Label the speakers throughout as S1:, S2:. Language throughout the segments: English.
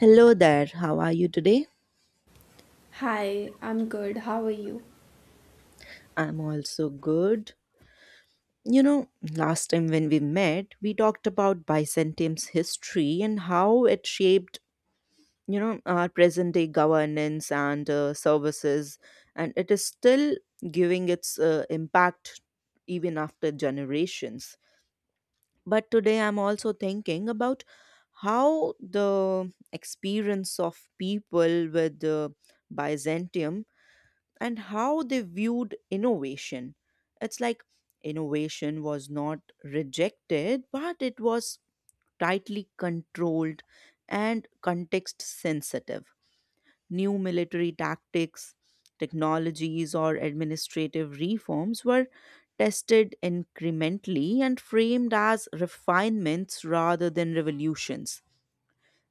S1: Hello there, how are you today?
S2: Hi, I'm good. How are you?
S1: I'm also good. You know, last time when we met, we talked about Byzantium's history and how it shaped, you know, our present day governance and services, and it is still giving its impact even after generations. But today I'm also thinking about how the experience of people with Byzantium and how they viewed innovation. It's like innovation was not rejected, but it was tightly controlled and context sensitive. New military tactics, technologies, or administrative reforms were tested incrementally and framed as refinements rather than revolutions.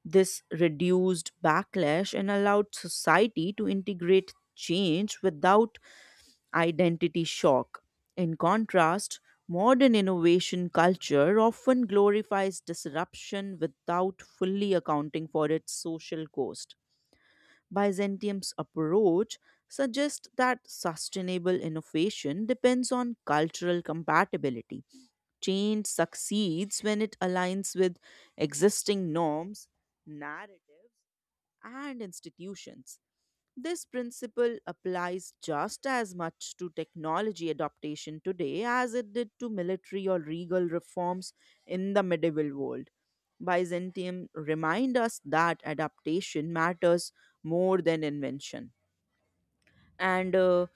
S1: This reduced backlash and allowed society to integrate change without identity shock. In contrast, modern innovation culture often glorifies disruption without fully accounting for its social cost. Byzantium's approach suggests that sustainable innovation depends on cultural compatibility. Change succeeds when it aligns with existing norms, narratives, and institutions. This principle applies just as much to technology adaptation today as it did to military or regal reforms in the medieval world. Byzantium remind us that adaptation matters more than invention. And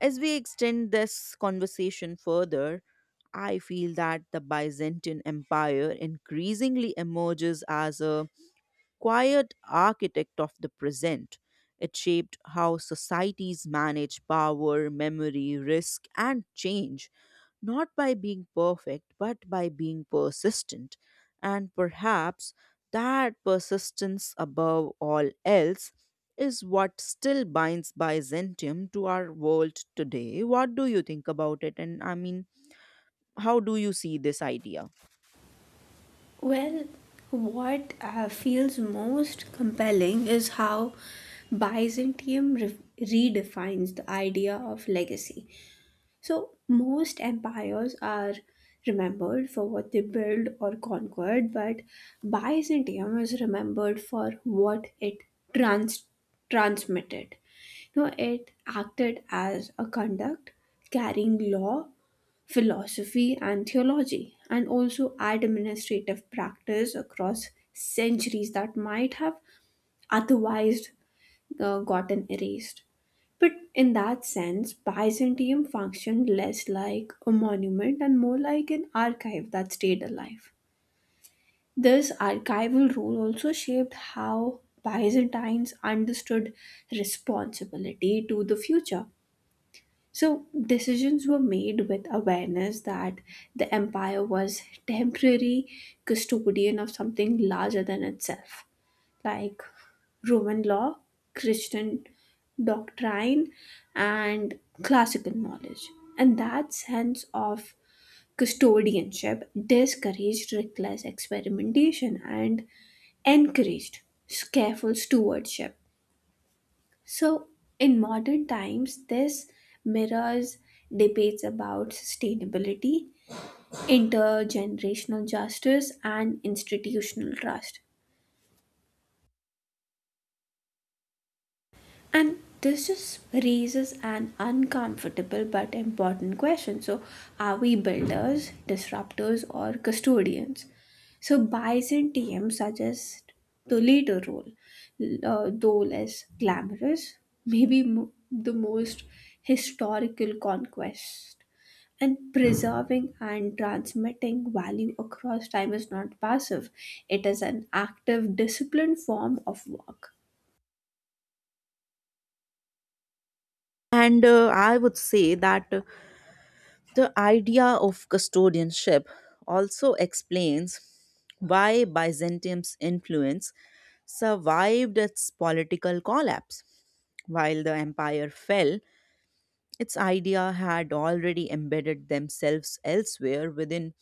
S1: As we extend this conversation further, I feel that the Byzantine Empire increasingly emerges as a quiet architect of the present. It shaped how societies manage power, memory, risk, and change, not by being perfect, but by being persistent. And perhaps that persistence above all else is what still binds Byzantium to our world today. What do you think about it? And I mean, how do you see this idea?
S2: Well, what feels most compelling is how Byzantium redefines the idea of legacy. So, most empires are remembered for what they built or conquered, but Byzantium is remembered for what it trans- transmitted. You know, it acted as a conduct, carrying law philosophy and theology, and also administrative practice across centuries that might have otherwise gotten erased. But in that sense, Byzantium functioned less like a monument and more like an archive that stayed alive. This archival role also shaped how Byzantines understood responsibility to the future, so decisions were made with awareness that the empire was temporary custodian of something larger than itself, like Roman law, Christian doctrine, and classical knowledge. And that sense of custodianship discouraged reckless experimentation and encouraged careful stewardship, so in modern times, this mirrors debates about sustainability, intergenerational justice, and institutional trust. And this just raises an uncomfortable but important question. So, are we builders, disruptors, or custodians? So, Byzantium suggests the later role, though less glamorous, maybe the most historical conquest. And preserving and transmitting value across time is not passive, it is an active, disciplined form of work.
S1: And I would say that the idea of custodianship also explains why Byzantium's influence survived its political collapse. While the empire fell, its idea had already embedded themselves elsewhere within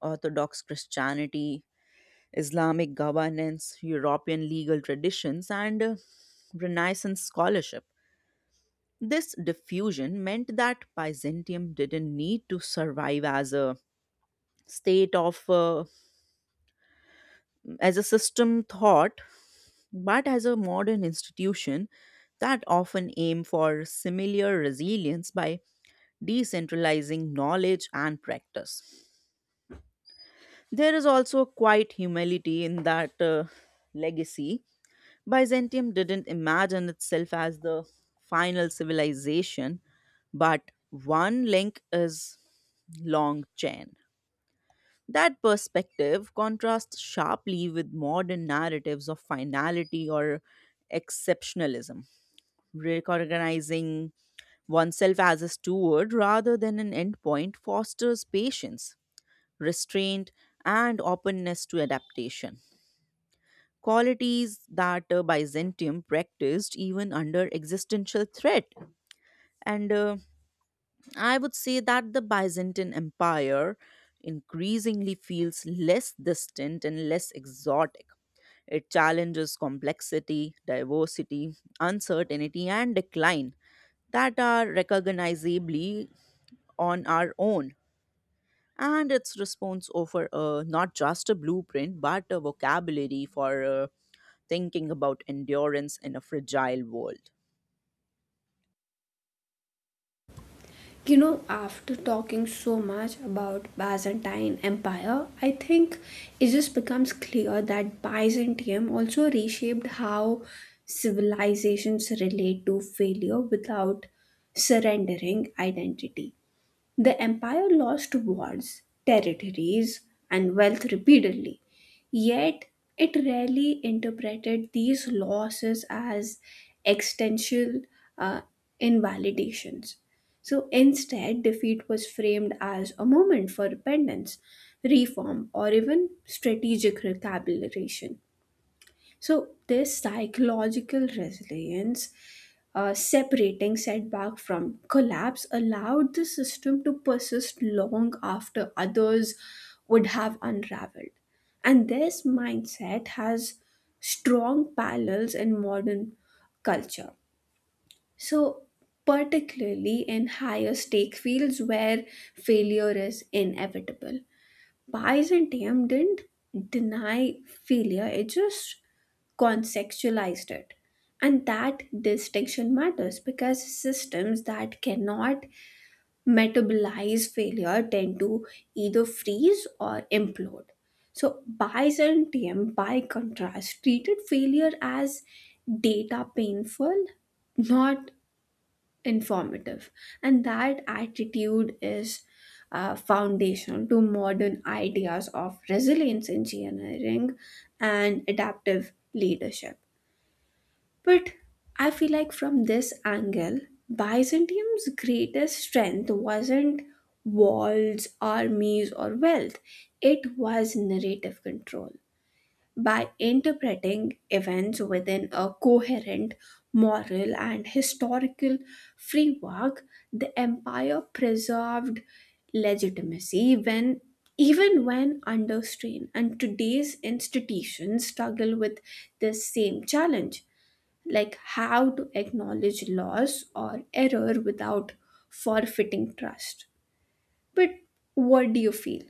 S1: Orthodox Christianity, Islamic governance, European legal traditions, and Renaissance scholarship. This diffusion meant that Byzantium didn't need to survive as a state of as a system thought but as a modern institution that often aim for similar resilience by decentralizing knowledge and practice. There is also quite humility in that legacy. Byzantium didn't imagine itself as the final civilization but one link is long chain. That perspective contrasts sharply with modern narratives of finality or exceptionalism, recognizing oneself as a steward rather than an endpoint fosters patience, restraint, and openness to adaptation. Qualities that Byzantium practiced even under existential threat. And I would say that the Byzantine Empire increasingly feels less distant and less exotic. It challenges complexity, diversity, uncertainty, and decline that are recognizably on our own. And its response offer not just a blueprint, but a vocabulary for thinking about endurance in a fragile world.
S2: You know, after talking so much about Byzantine Empire, I think it just becomes clear that Byzantium also reshaped how civilizations relate to failure without surrendering identity. The empire lost wars, territories, and wealth repeatedly, yet it rarely interpreted these losses as existential uh, invalidations. So instead, defeat was framed as a moment for repentance, reform, or even strategic recalibration. So, this psychological resilience, separating setback from collapse, allowed the system to persist long after others would have unraveled. And this mindset has strong parallels in modern culture. So, particularly in higher stake fields where failure is inevitable. Byzantium didn't deny failure, it just contextualized it. And that distinction matters because systems that cannot metabolize failure tend to either freeze or implode. So, Byzantium, by contrast, treated failure as data painful, not informative, and that attitude is foundational to modern ideas of resilience engineering and adaptive leadership. But I feel like from this angle, Byzantium's greatest strength wasn't walls, armies, or wealth, it was narrative control. By interpreting events within a coherent moral and historical framework, the empire preserved legitimacy when even when under strain. And today's institutions struggle with this same challenge, like how to acknowledge loss or error without forfeiting trust. But what do you feel?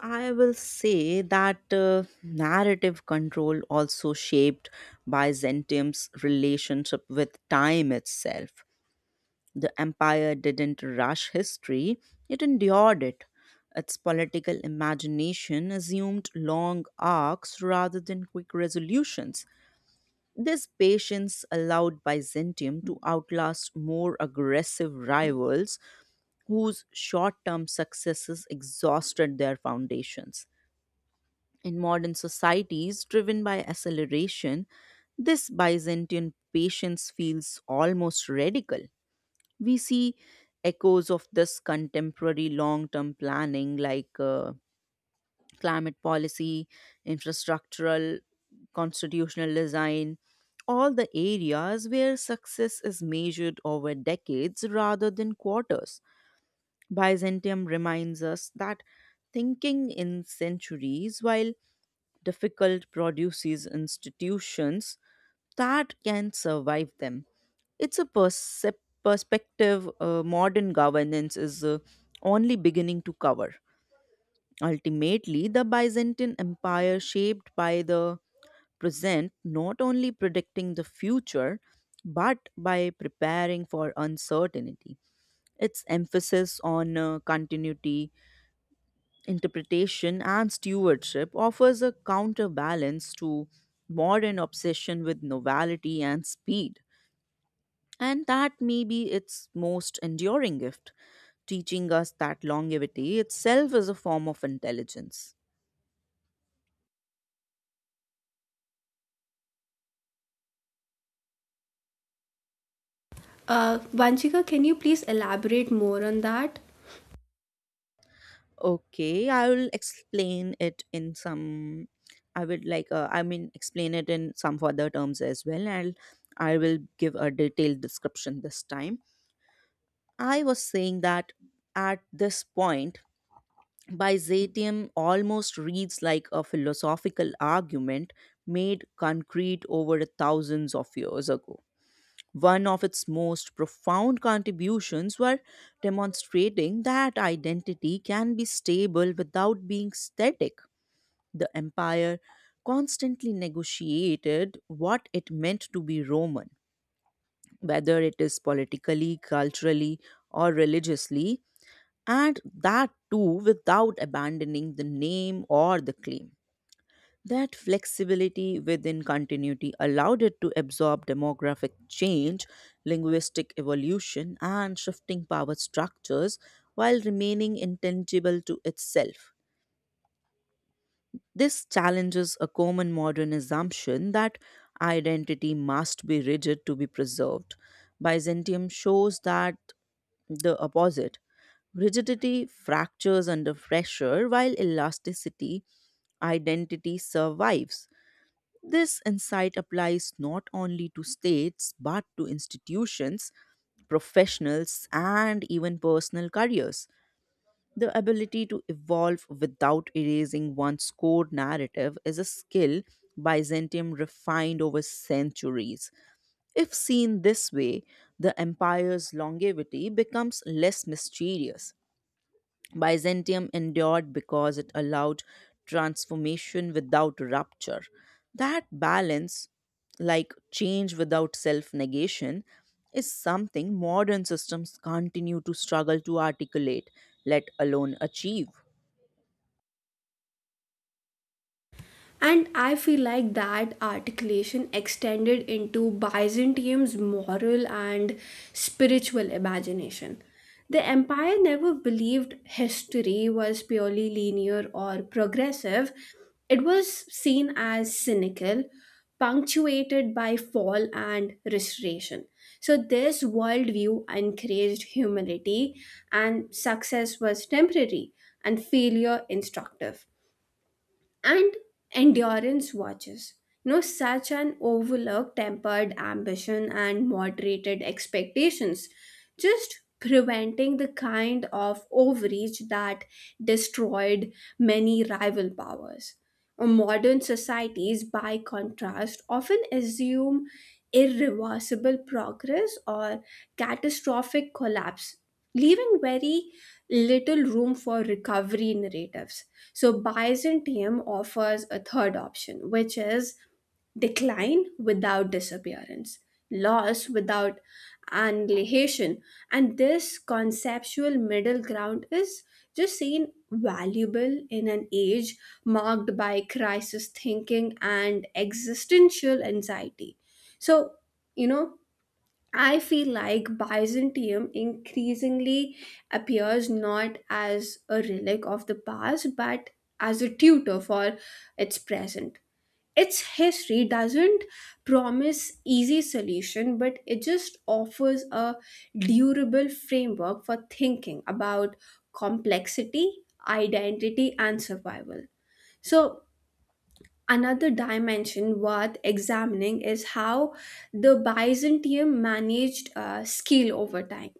S1: I will say that narrative control also shaped Byzantium's relationship with time itself. The empire didn't rush history, it endured it. Its political imagination assumed long arcs rather than quick resolutions. This patience allowed Byzantium to outlast more aggressive rivals whose short term successes exhausted their foundations. In modern societies driven by acceleration, this Byzantine patience feels almost radical. We see echoes of this contemporary long term planning like climate policy, infrastructural, constitutional design, all the areas where success is measured over decades rather than quarters. Byzantium reminds us that thinking in centuries while difficult produces institutions that can survive them. It's a perspective modern governance is only beginning to cover. Ultimately, the Byzantine Empire, shaped by the present, not only predicting the future but by preparing for uncertainty. Its emphasis on continuity, interpretation and stewardship offers a counterbalance to modern obsession with novelty and speed. And that may be its most enduring gift, teaching us that longevity itself is a form of intelligence.
S2: Vanchika, can you please elaborate more on that?
S1: Okay, I will explain it in some. I would like, explain it in some further terms as well. And I will give a detailed description this time. I was saying that at this point, Byzantium almost reads like a philosophical argument made concrete over thousands of years ago. One of its most profound contributions were demonstrating that identity can be stable without being static. The empire constantly negotiated what it meant to be Roman, whether it is politically, culturally, or religiously, and that too without abandoning the name or the claim. That flexibility within continuity allowed it to absorb demographic change, linguistic evolution, and shifting power structures while remaining intangible to itself. This challenges a common modern assumption that identity must be rigid to be preserved. Byzantium shows that the opposite. Rigidity fractures under pressure, while elasticity, identity survives. This insight applies not only to states but to institutions, professionals, and even personal careers. The ability to evolve without erasing one's core narrative is a skill Byzantium refined over centuries. If seen this way, the empire's longevity becomes less mysterious. Byzantium endured because it allowed transformation without rupture. That balance, like change without self negation, is something modern systems continue to struggle to articulate, let alone achieve.
S2: And I feel like that articulation extended into Byzantium's moral and spiritual imagination. The empire never believed history was purely linear or progressive, it was seen as cynical, punctuated by fall and restoration. So, this worldview encouraged humility, and success was temporary and failure instructive and endurance watches. You know, such an overlook tempered ambition and moderated expectations, just preventing the kind of overreach that destroyed many rival powers. Modern societies, by contrast, often assume irreversible progress or catastrophic collapse, leaving very little room for recovery narratives. So, Byzantium offers a third option, which is decline without disappearance, loss without annihilation. And this conceptual middle ground is just seen valuable in an age marked by crisis thinking and existential anxiety. So, you know, I feel like Byzantium increasingly appears not as a relic of the past but as a tutor for its present. Its history doesn't promise easy solution, but it just offers a durable framework for thinking about complexity, identity, and survival. So another dimension worth examining is how the Byzantium managed skill over time.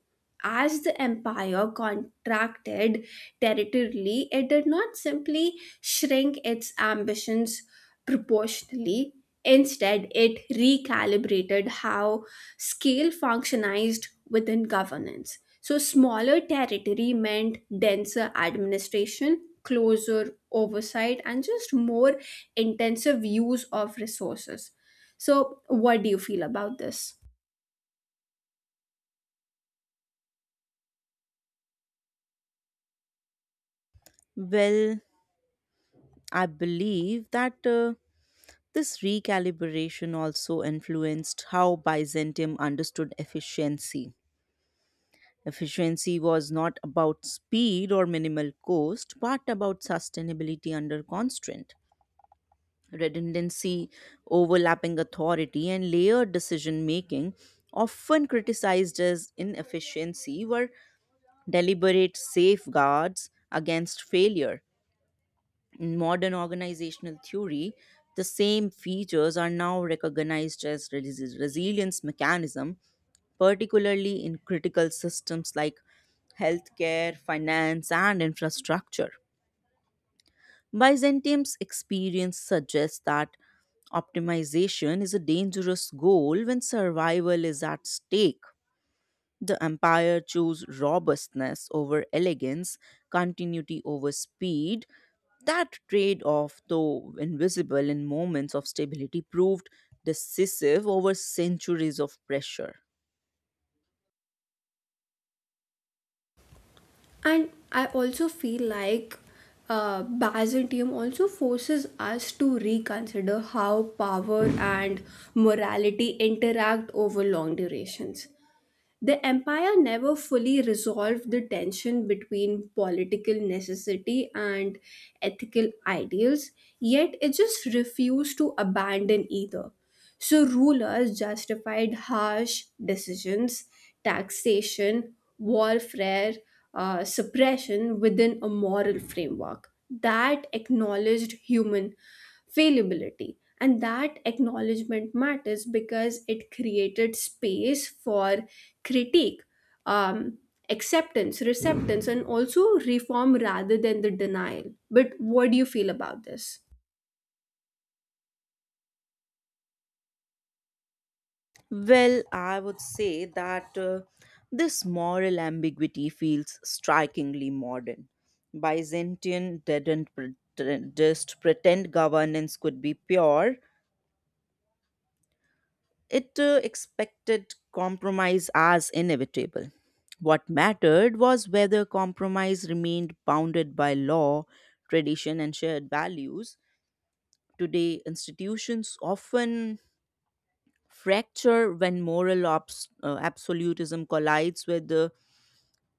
S2: As the empire contracted territorially, it did not simply shrink its ambitions proportionally. Instead, it recalibrated how scale functionized within governance. So, smaller territory meant denser administration, closer oversight, and just more intensive use of resources. So, what do you feel about this?
S1: Well, I believe that this recalibration also influenced how Byzantium understood efficiency. Efficiency was not about speed or minimal cost, but about sustainability under constraint. Redundancy, overlapping authority, and layered decision making, often criticized as inefficiency, were deliberate safeguards against failure. In modern organizational theory, the same features are now recognized as resilience mechanism, particularly in critical systems like healthcare, finance, and infrastructure. Byzantium's experience suggests that optimization is a dangerous goal when survival is at stake. The empire chose robustness over elegance, continuity over speed. That trade off, though invisible in moments of stability, proved decisive over centuries of pressure.
S2: And I also feel like Byzantium also forces us to reconsider how power and morality interact over long durations. The empire never fully resolved the tension between political necessity and ethical ideals, yet it just refused to abandon either. So rulers justified harsh decisions, taxation, warfare, suppression within a moral framework that acknowledged human fallibility. And that acknowledgement matters because it created space for critique, um, acceptance, receptance, and also reform rather than the denial. But what do you feel about this?
S1: Well, I would say that this moral ambiguity feels strikingly modern. Byzantine didn't pre- just pretend governance could be pure. It expected compromise as inevitable. What mattered was whether compromise remained bounded by law, tradition, and shared values. Today, institutions often fracture when moral absolutism collides with the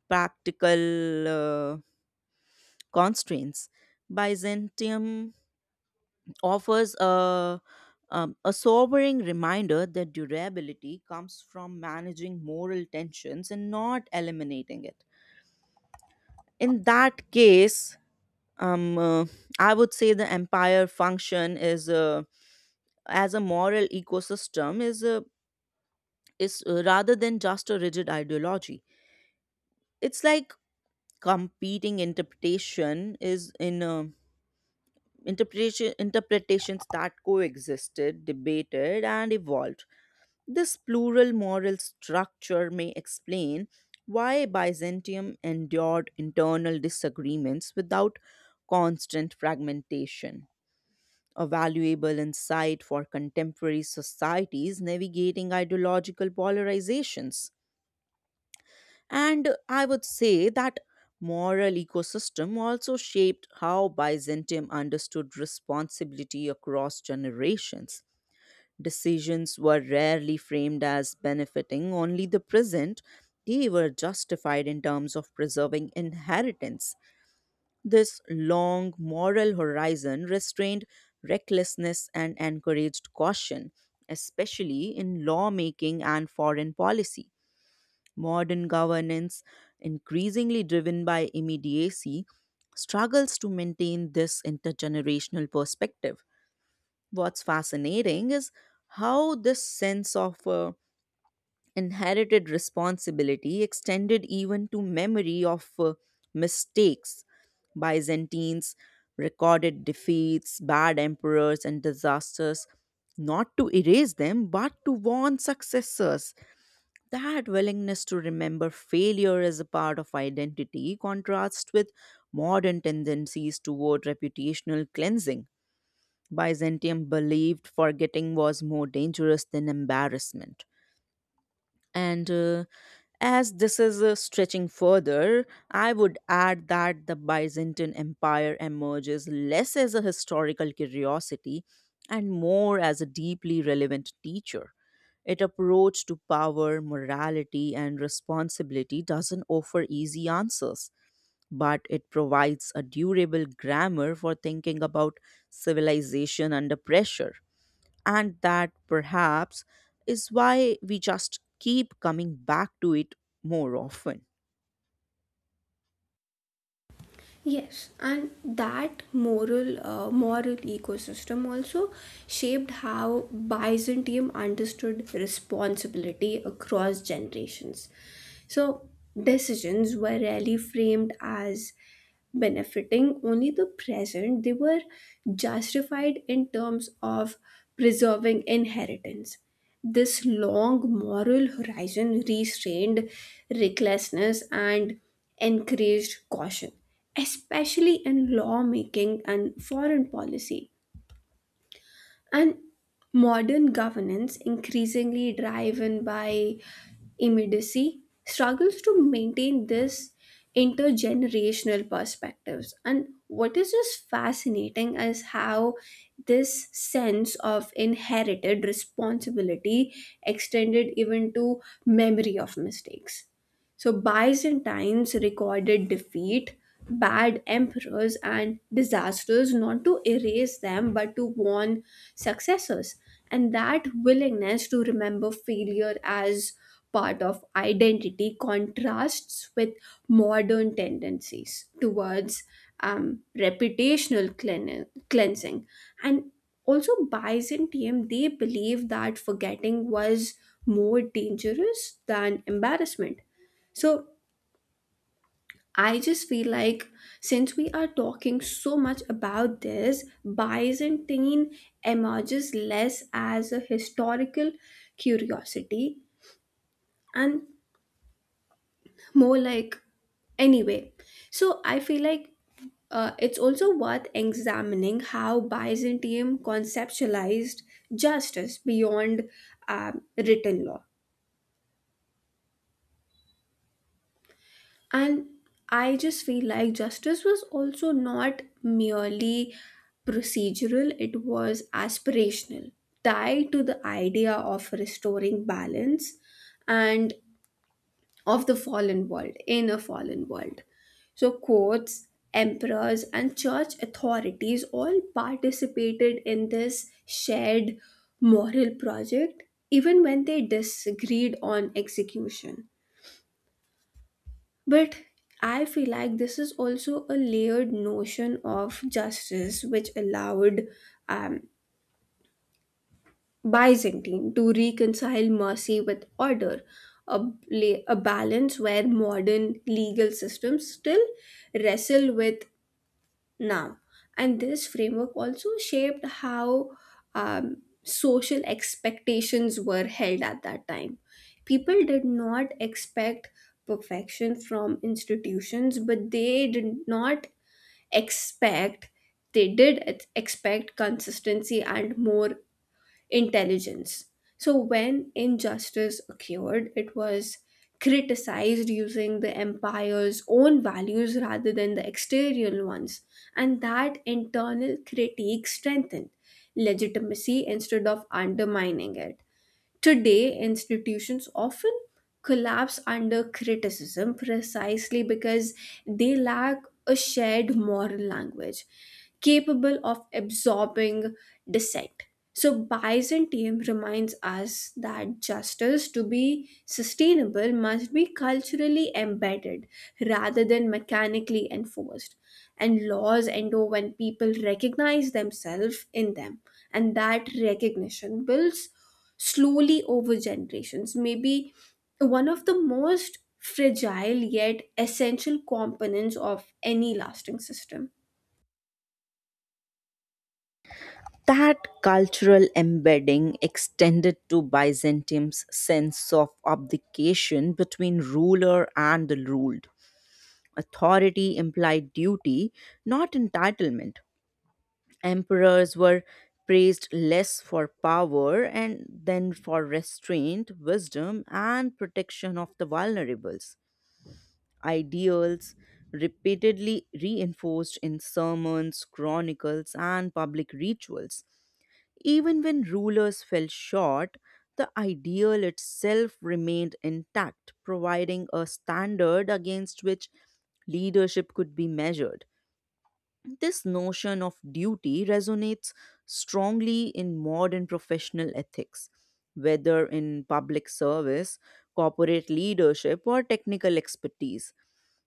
S1: practical constraints. Byzantium offers a sobering reminder that durability comes from managing moral tensions and not eliminating it. In that case, um, uh, I would say the empire function is as a moral ecosystem is a is rather than just a rigid ideology. It's like competing interpretation is in interpretations that coexisted, debated, and evolved. This plural moral structure may explain why Byzantium endured internal disagreements without constant fragmentation, a valuable insight for contemporary societies navigating ideological polarizations. And I would say that moral ecosystem also shaped how Byzantium understood responsibility across generations. Decisions were rarely framed as benefiting only the present, they were justified in terms of preserving inheritance. This long moral horizon restrained recklessness and encouraged caution, especially in lawmaking and foreign policy. Modern governance, increasingly driven by immediacy, struggles to maintain this intergenerational perspective. What's fascinating is how this sense of inherited responsibility extended even to memory of mistakes. Byzantines recorded defeats, bad emperors, and disasters not to erase them but to warn successors. That willingness to remember failure as a part of identity contrasts with modern tendencies toward reputational cleansing. Byzantium believed forgetting was more dangerous than embarrassment. And As this is stretching further, I would add that the Byzantine Empire emerges less as a historical curiosity and more as a deeply relevant teacher. Its approach to power, morality, and responsibility doesn't offer easy answers, but it provides a durable grammar for thinking about civilization under pressure. And that perhaps is why we just keep coming back to it more often.
S2: Yes, and that moral, moral ecosystem also shaped how Byzantium understood responsibility across generations. So decisions were rarely framed as benefiting only the present; they were justified in terms of preserving inheritance. This long moral horizon restrained recklessness and encouraged caution, especially in lawmaking and foreign policy. And modern governance, increasingly driven by immediacy, struggles to maintain this intergenerational perspectives. And what is just fascinating is how this sense of inherited responsibility extended even to memory of mistakes. So Byzantines recorded defeat, bad emperors, and disasters not to erase them but to warn successors. And that willingness to remember failure as part of identity contrasts with modern tendencies towards reputational cleansing. And also, Byzantium, they believed that forgetting was more dangerous than embarrassment. So I just feel like, since we are talking so much about this, Byzantine emerges less as a historical curiosity and more like anyway. So I feel like it's also worth examining how Byzantium conceptualized justice beyond written law. And I just feel like justice was also not merely procedural, it was aspirational, tied to the idea of restoring balance and of the fallen world, in a fallen world. So, courts, emperors, and church authorities all participated in this shared moral project, even when they disagreed on execution. But I feel like this is also a layered notion of justice which allowed um, Byzantine to reconcile mercy with order, a a balance where modern legal systems still wrestle with now. And this framework also shaped how um, social expectations were held at that time. People did not expect perfection from institutions, but they did not expect, they did expect consistency and more intelligence. So, when injustice occurred, it was criticized using the empire's own values rather than the exterior ones, and that internal critique strengthened legitimacy instead of undermining it. Today, institutions often collapse under criticism precisely because they lack a shared moral language capable of absorbing dissent. So, Byzantium reminds us that justice, to be sustainable, must be culturally embedded rather than mechanically enforced. And laws endure when people recognize themselves in them, and that recognition builds slowly over generations. Maybe one of the most fragile yet essential components of any lasting system.
S1: That cultural embedding extended to Byzantium's sense of abdication between ruler and the ruled. Authority implied duty, not entitlement. Emperors were praised less for power and then for restraint, wisdom, and protection of the vulnerables. Ideals repeatedly reinforced in sermons, chronicles, and public rituals. Even when rulers fell short, the ideal itself remained intact, providing a standard against which leadership could be measured. This notion of duty resonates strongly in modern professional ethics, whether in public service, corporate leadership, or technical expertise.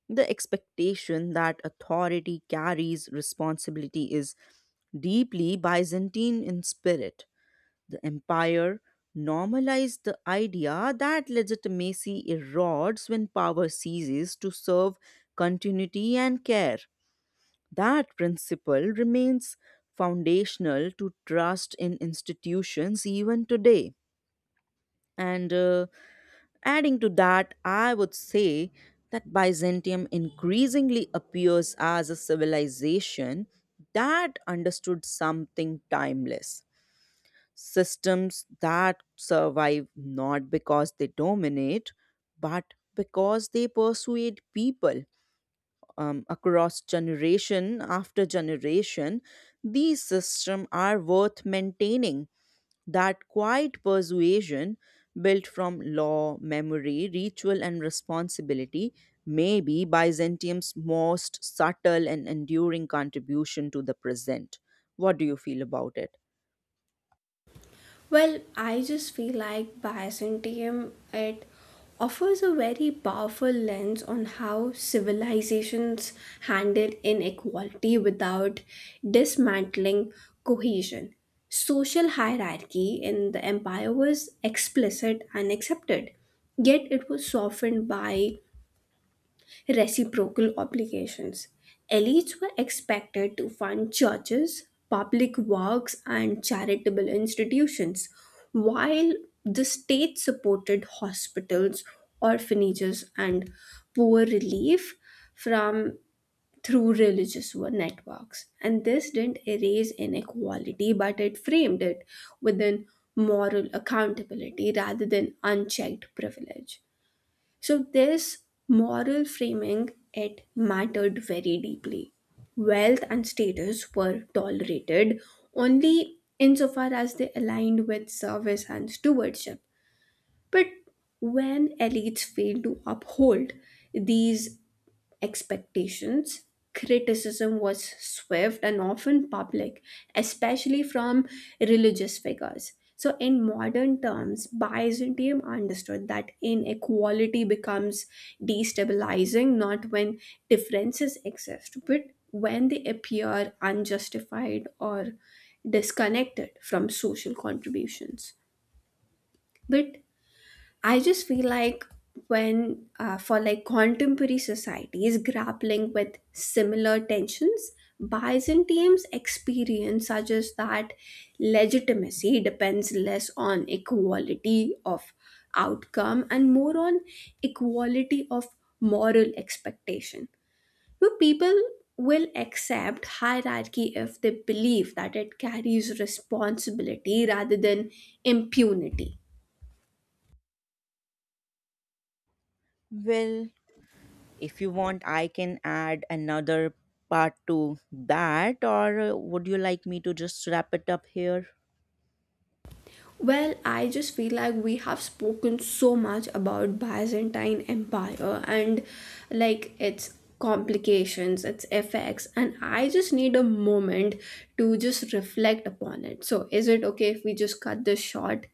S1: The expectation that authority carries responsibility is deeply Byzantine in spirit. The empire normalized the idea that legitimacy erodes when power ceases to serve continuity and care. That principle remains foundational to trust in institutions even today. And Adding to that, I would say that Byzantium increasingly appears as a civilization that understood something timeless. Systems that survive not because they dominate, but because they persuade people across generation after generation, these systems are worth maintaining. That quiet persuasion, built from law, memory, ritual, and responsibility, may be Byzantium's most subtle and enduring contribution to the present. What do you feel about it?
S2: Well, I just feel like Byzantium, it offers a very powerful lens on how civilizations handle inequality without dismantling cohesion. Social hierarchy in the empire was explicit and accepted, yet it was softened by reciprocal obligations. Elites were expected to fund churches, public works, and charitable institutions, while the state supported hospitals, orphanages, and poor relief from through religious networks. And this didn't erase inequality, but it framed it within moral accountability rather than unchecked privilege. So, this moral framing, it mattered very deeply. Wealth and status were tolerated only insofar as they aligned with service and stewardship. But when elites failed to uphold these expectations. Criticism was swift and often public, especially from religious figures. So, in modern terms, Byzantium understood that inequality becomes destabilizing not when differences exist, but when they appear unjustified or disconnected from social contributions. But I just feel like, for like contemporary society is grappling with similar tensions, Byzantium's experience suggests that legitimacy depends less on equality of outcome and more on equality of moral expectation. So people will accept hierarchy if they believe that it carries responsibility rather than impunity.
S1: Well, if you want, I can add another part to that, or would you like me to just wrap it up here?
S2: Well, I just feel like we have spoken so much about Byzantine Empire and like its complications, its effects, and I just need a moment to just reflect upon it. So, is it okay if we just cut this short?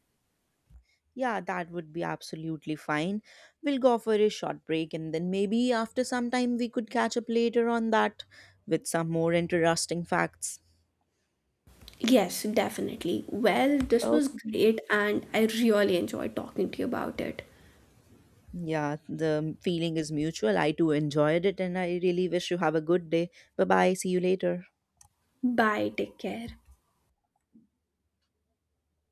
S1: Yeah, that would be absolutely fine. We'll go for a short break and then maybe after some time we could catch up later on that with some more interesting facts.
S2: Yes, definitely. Well, this was
S1: Okay.
S2: great and I really enjoyed talking to you about it.
S1: Yeah, the feeling is mutual. I too enjoyed it and I really wish you have a good day. Bye bye. See you later.
S2: Bye, take care.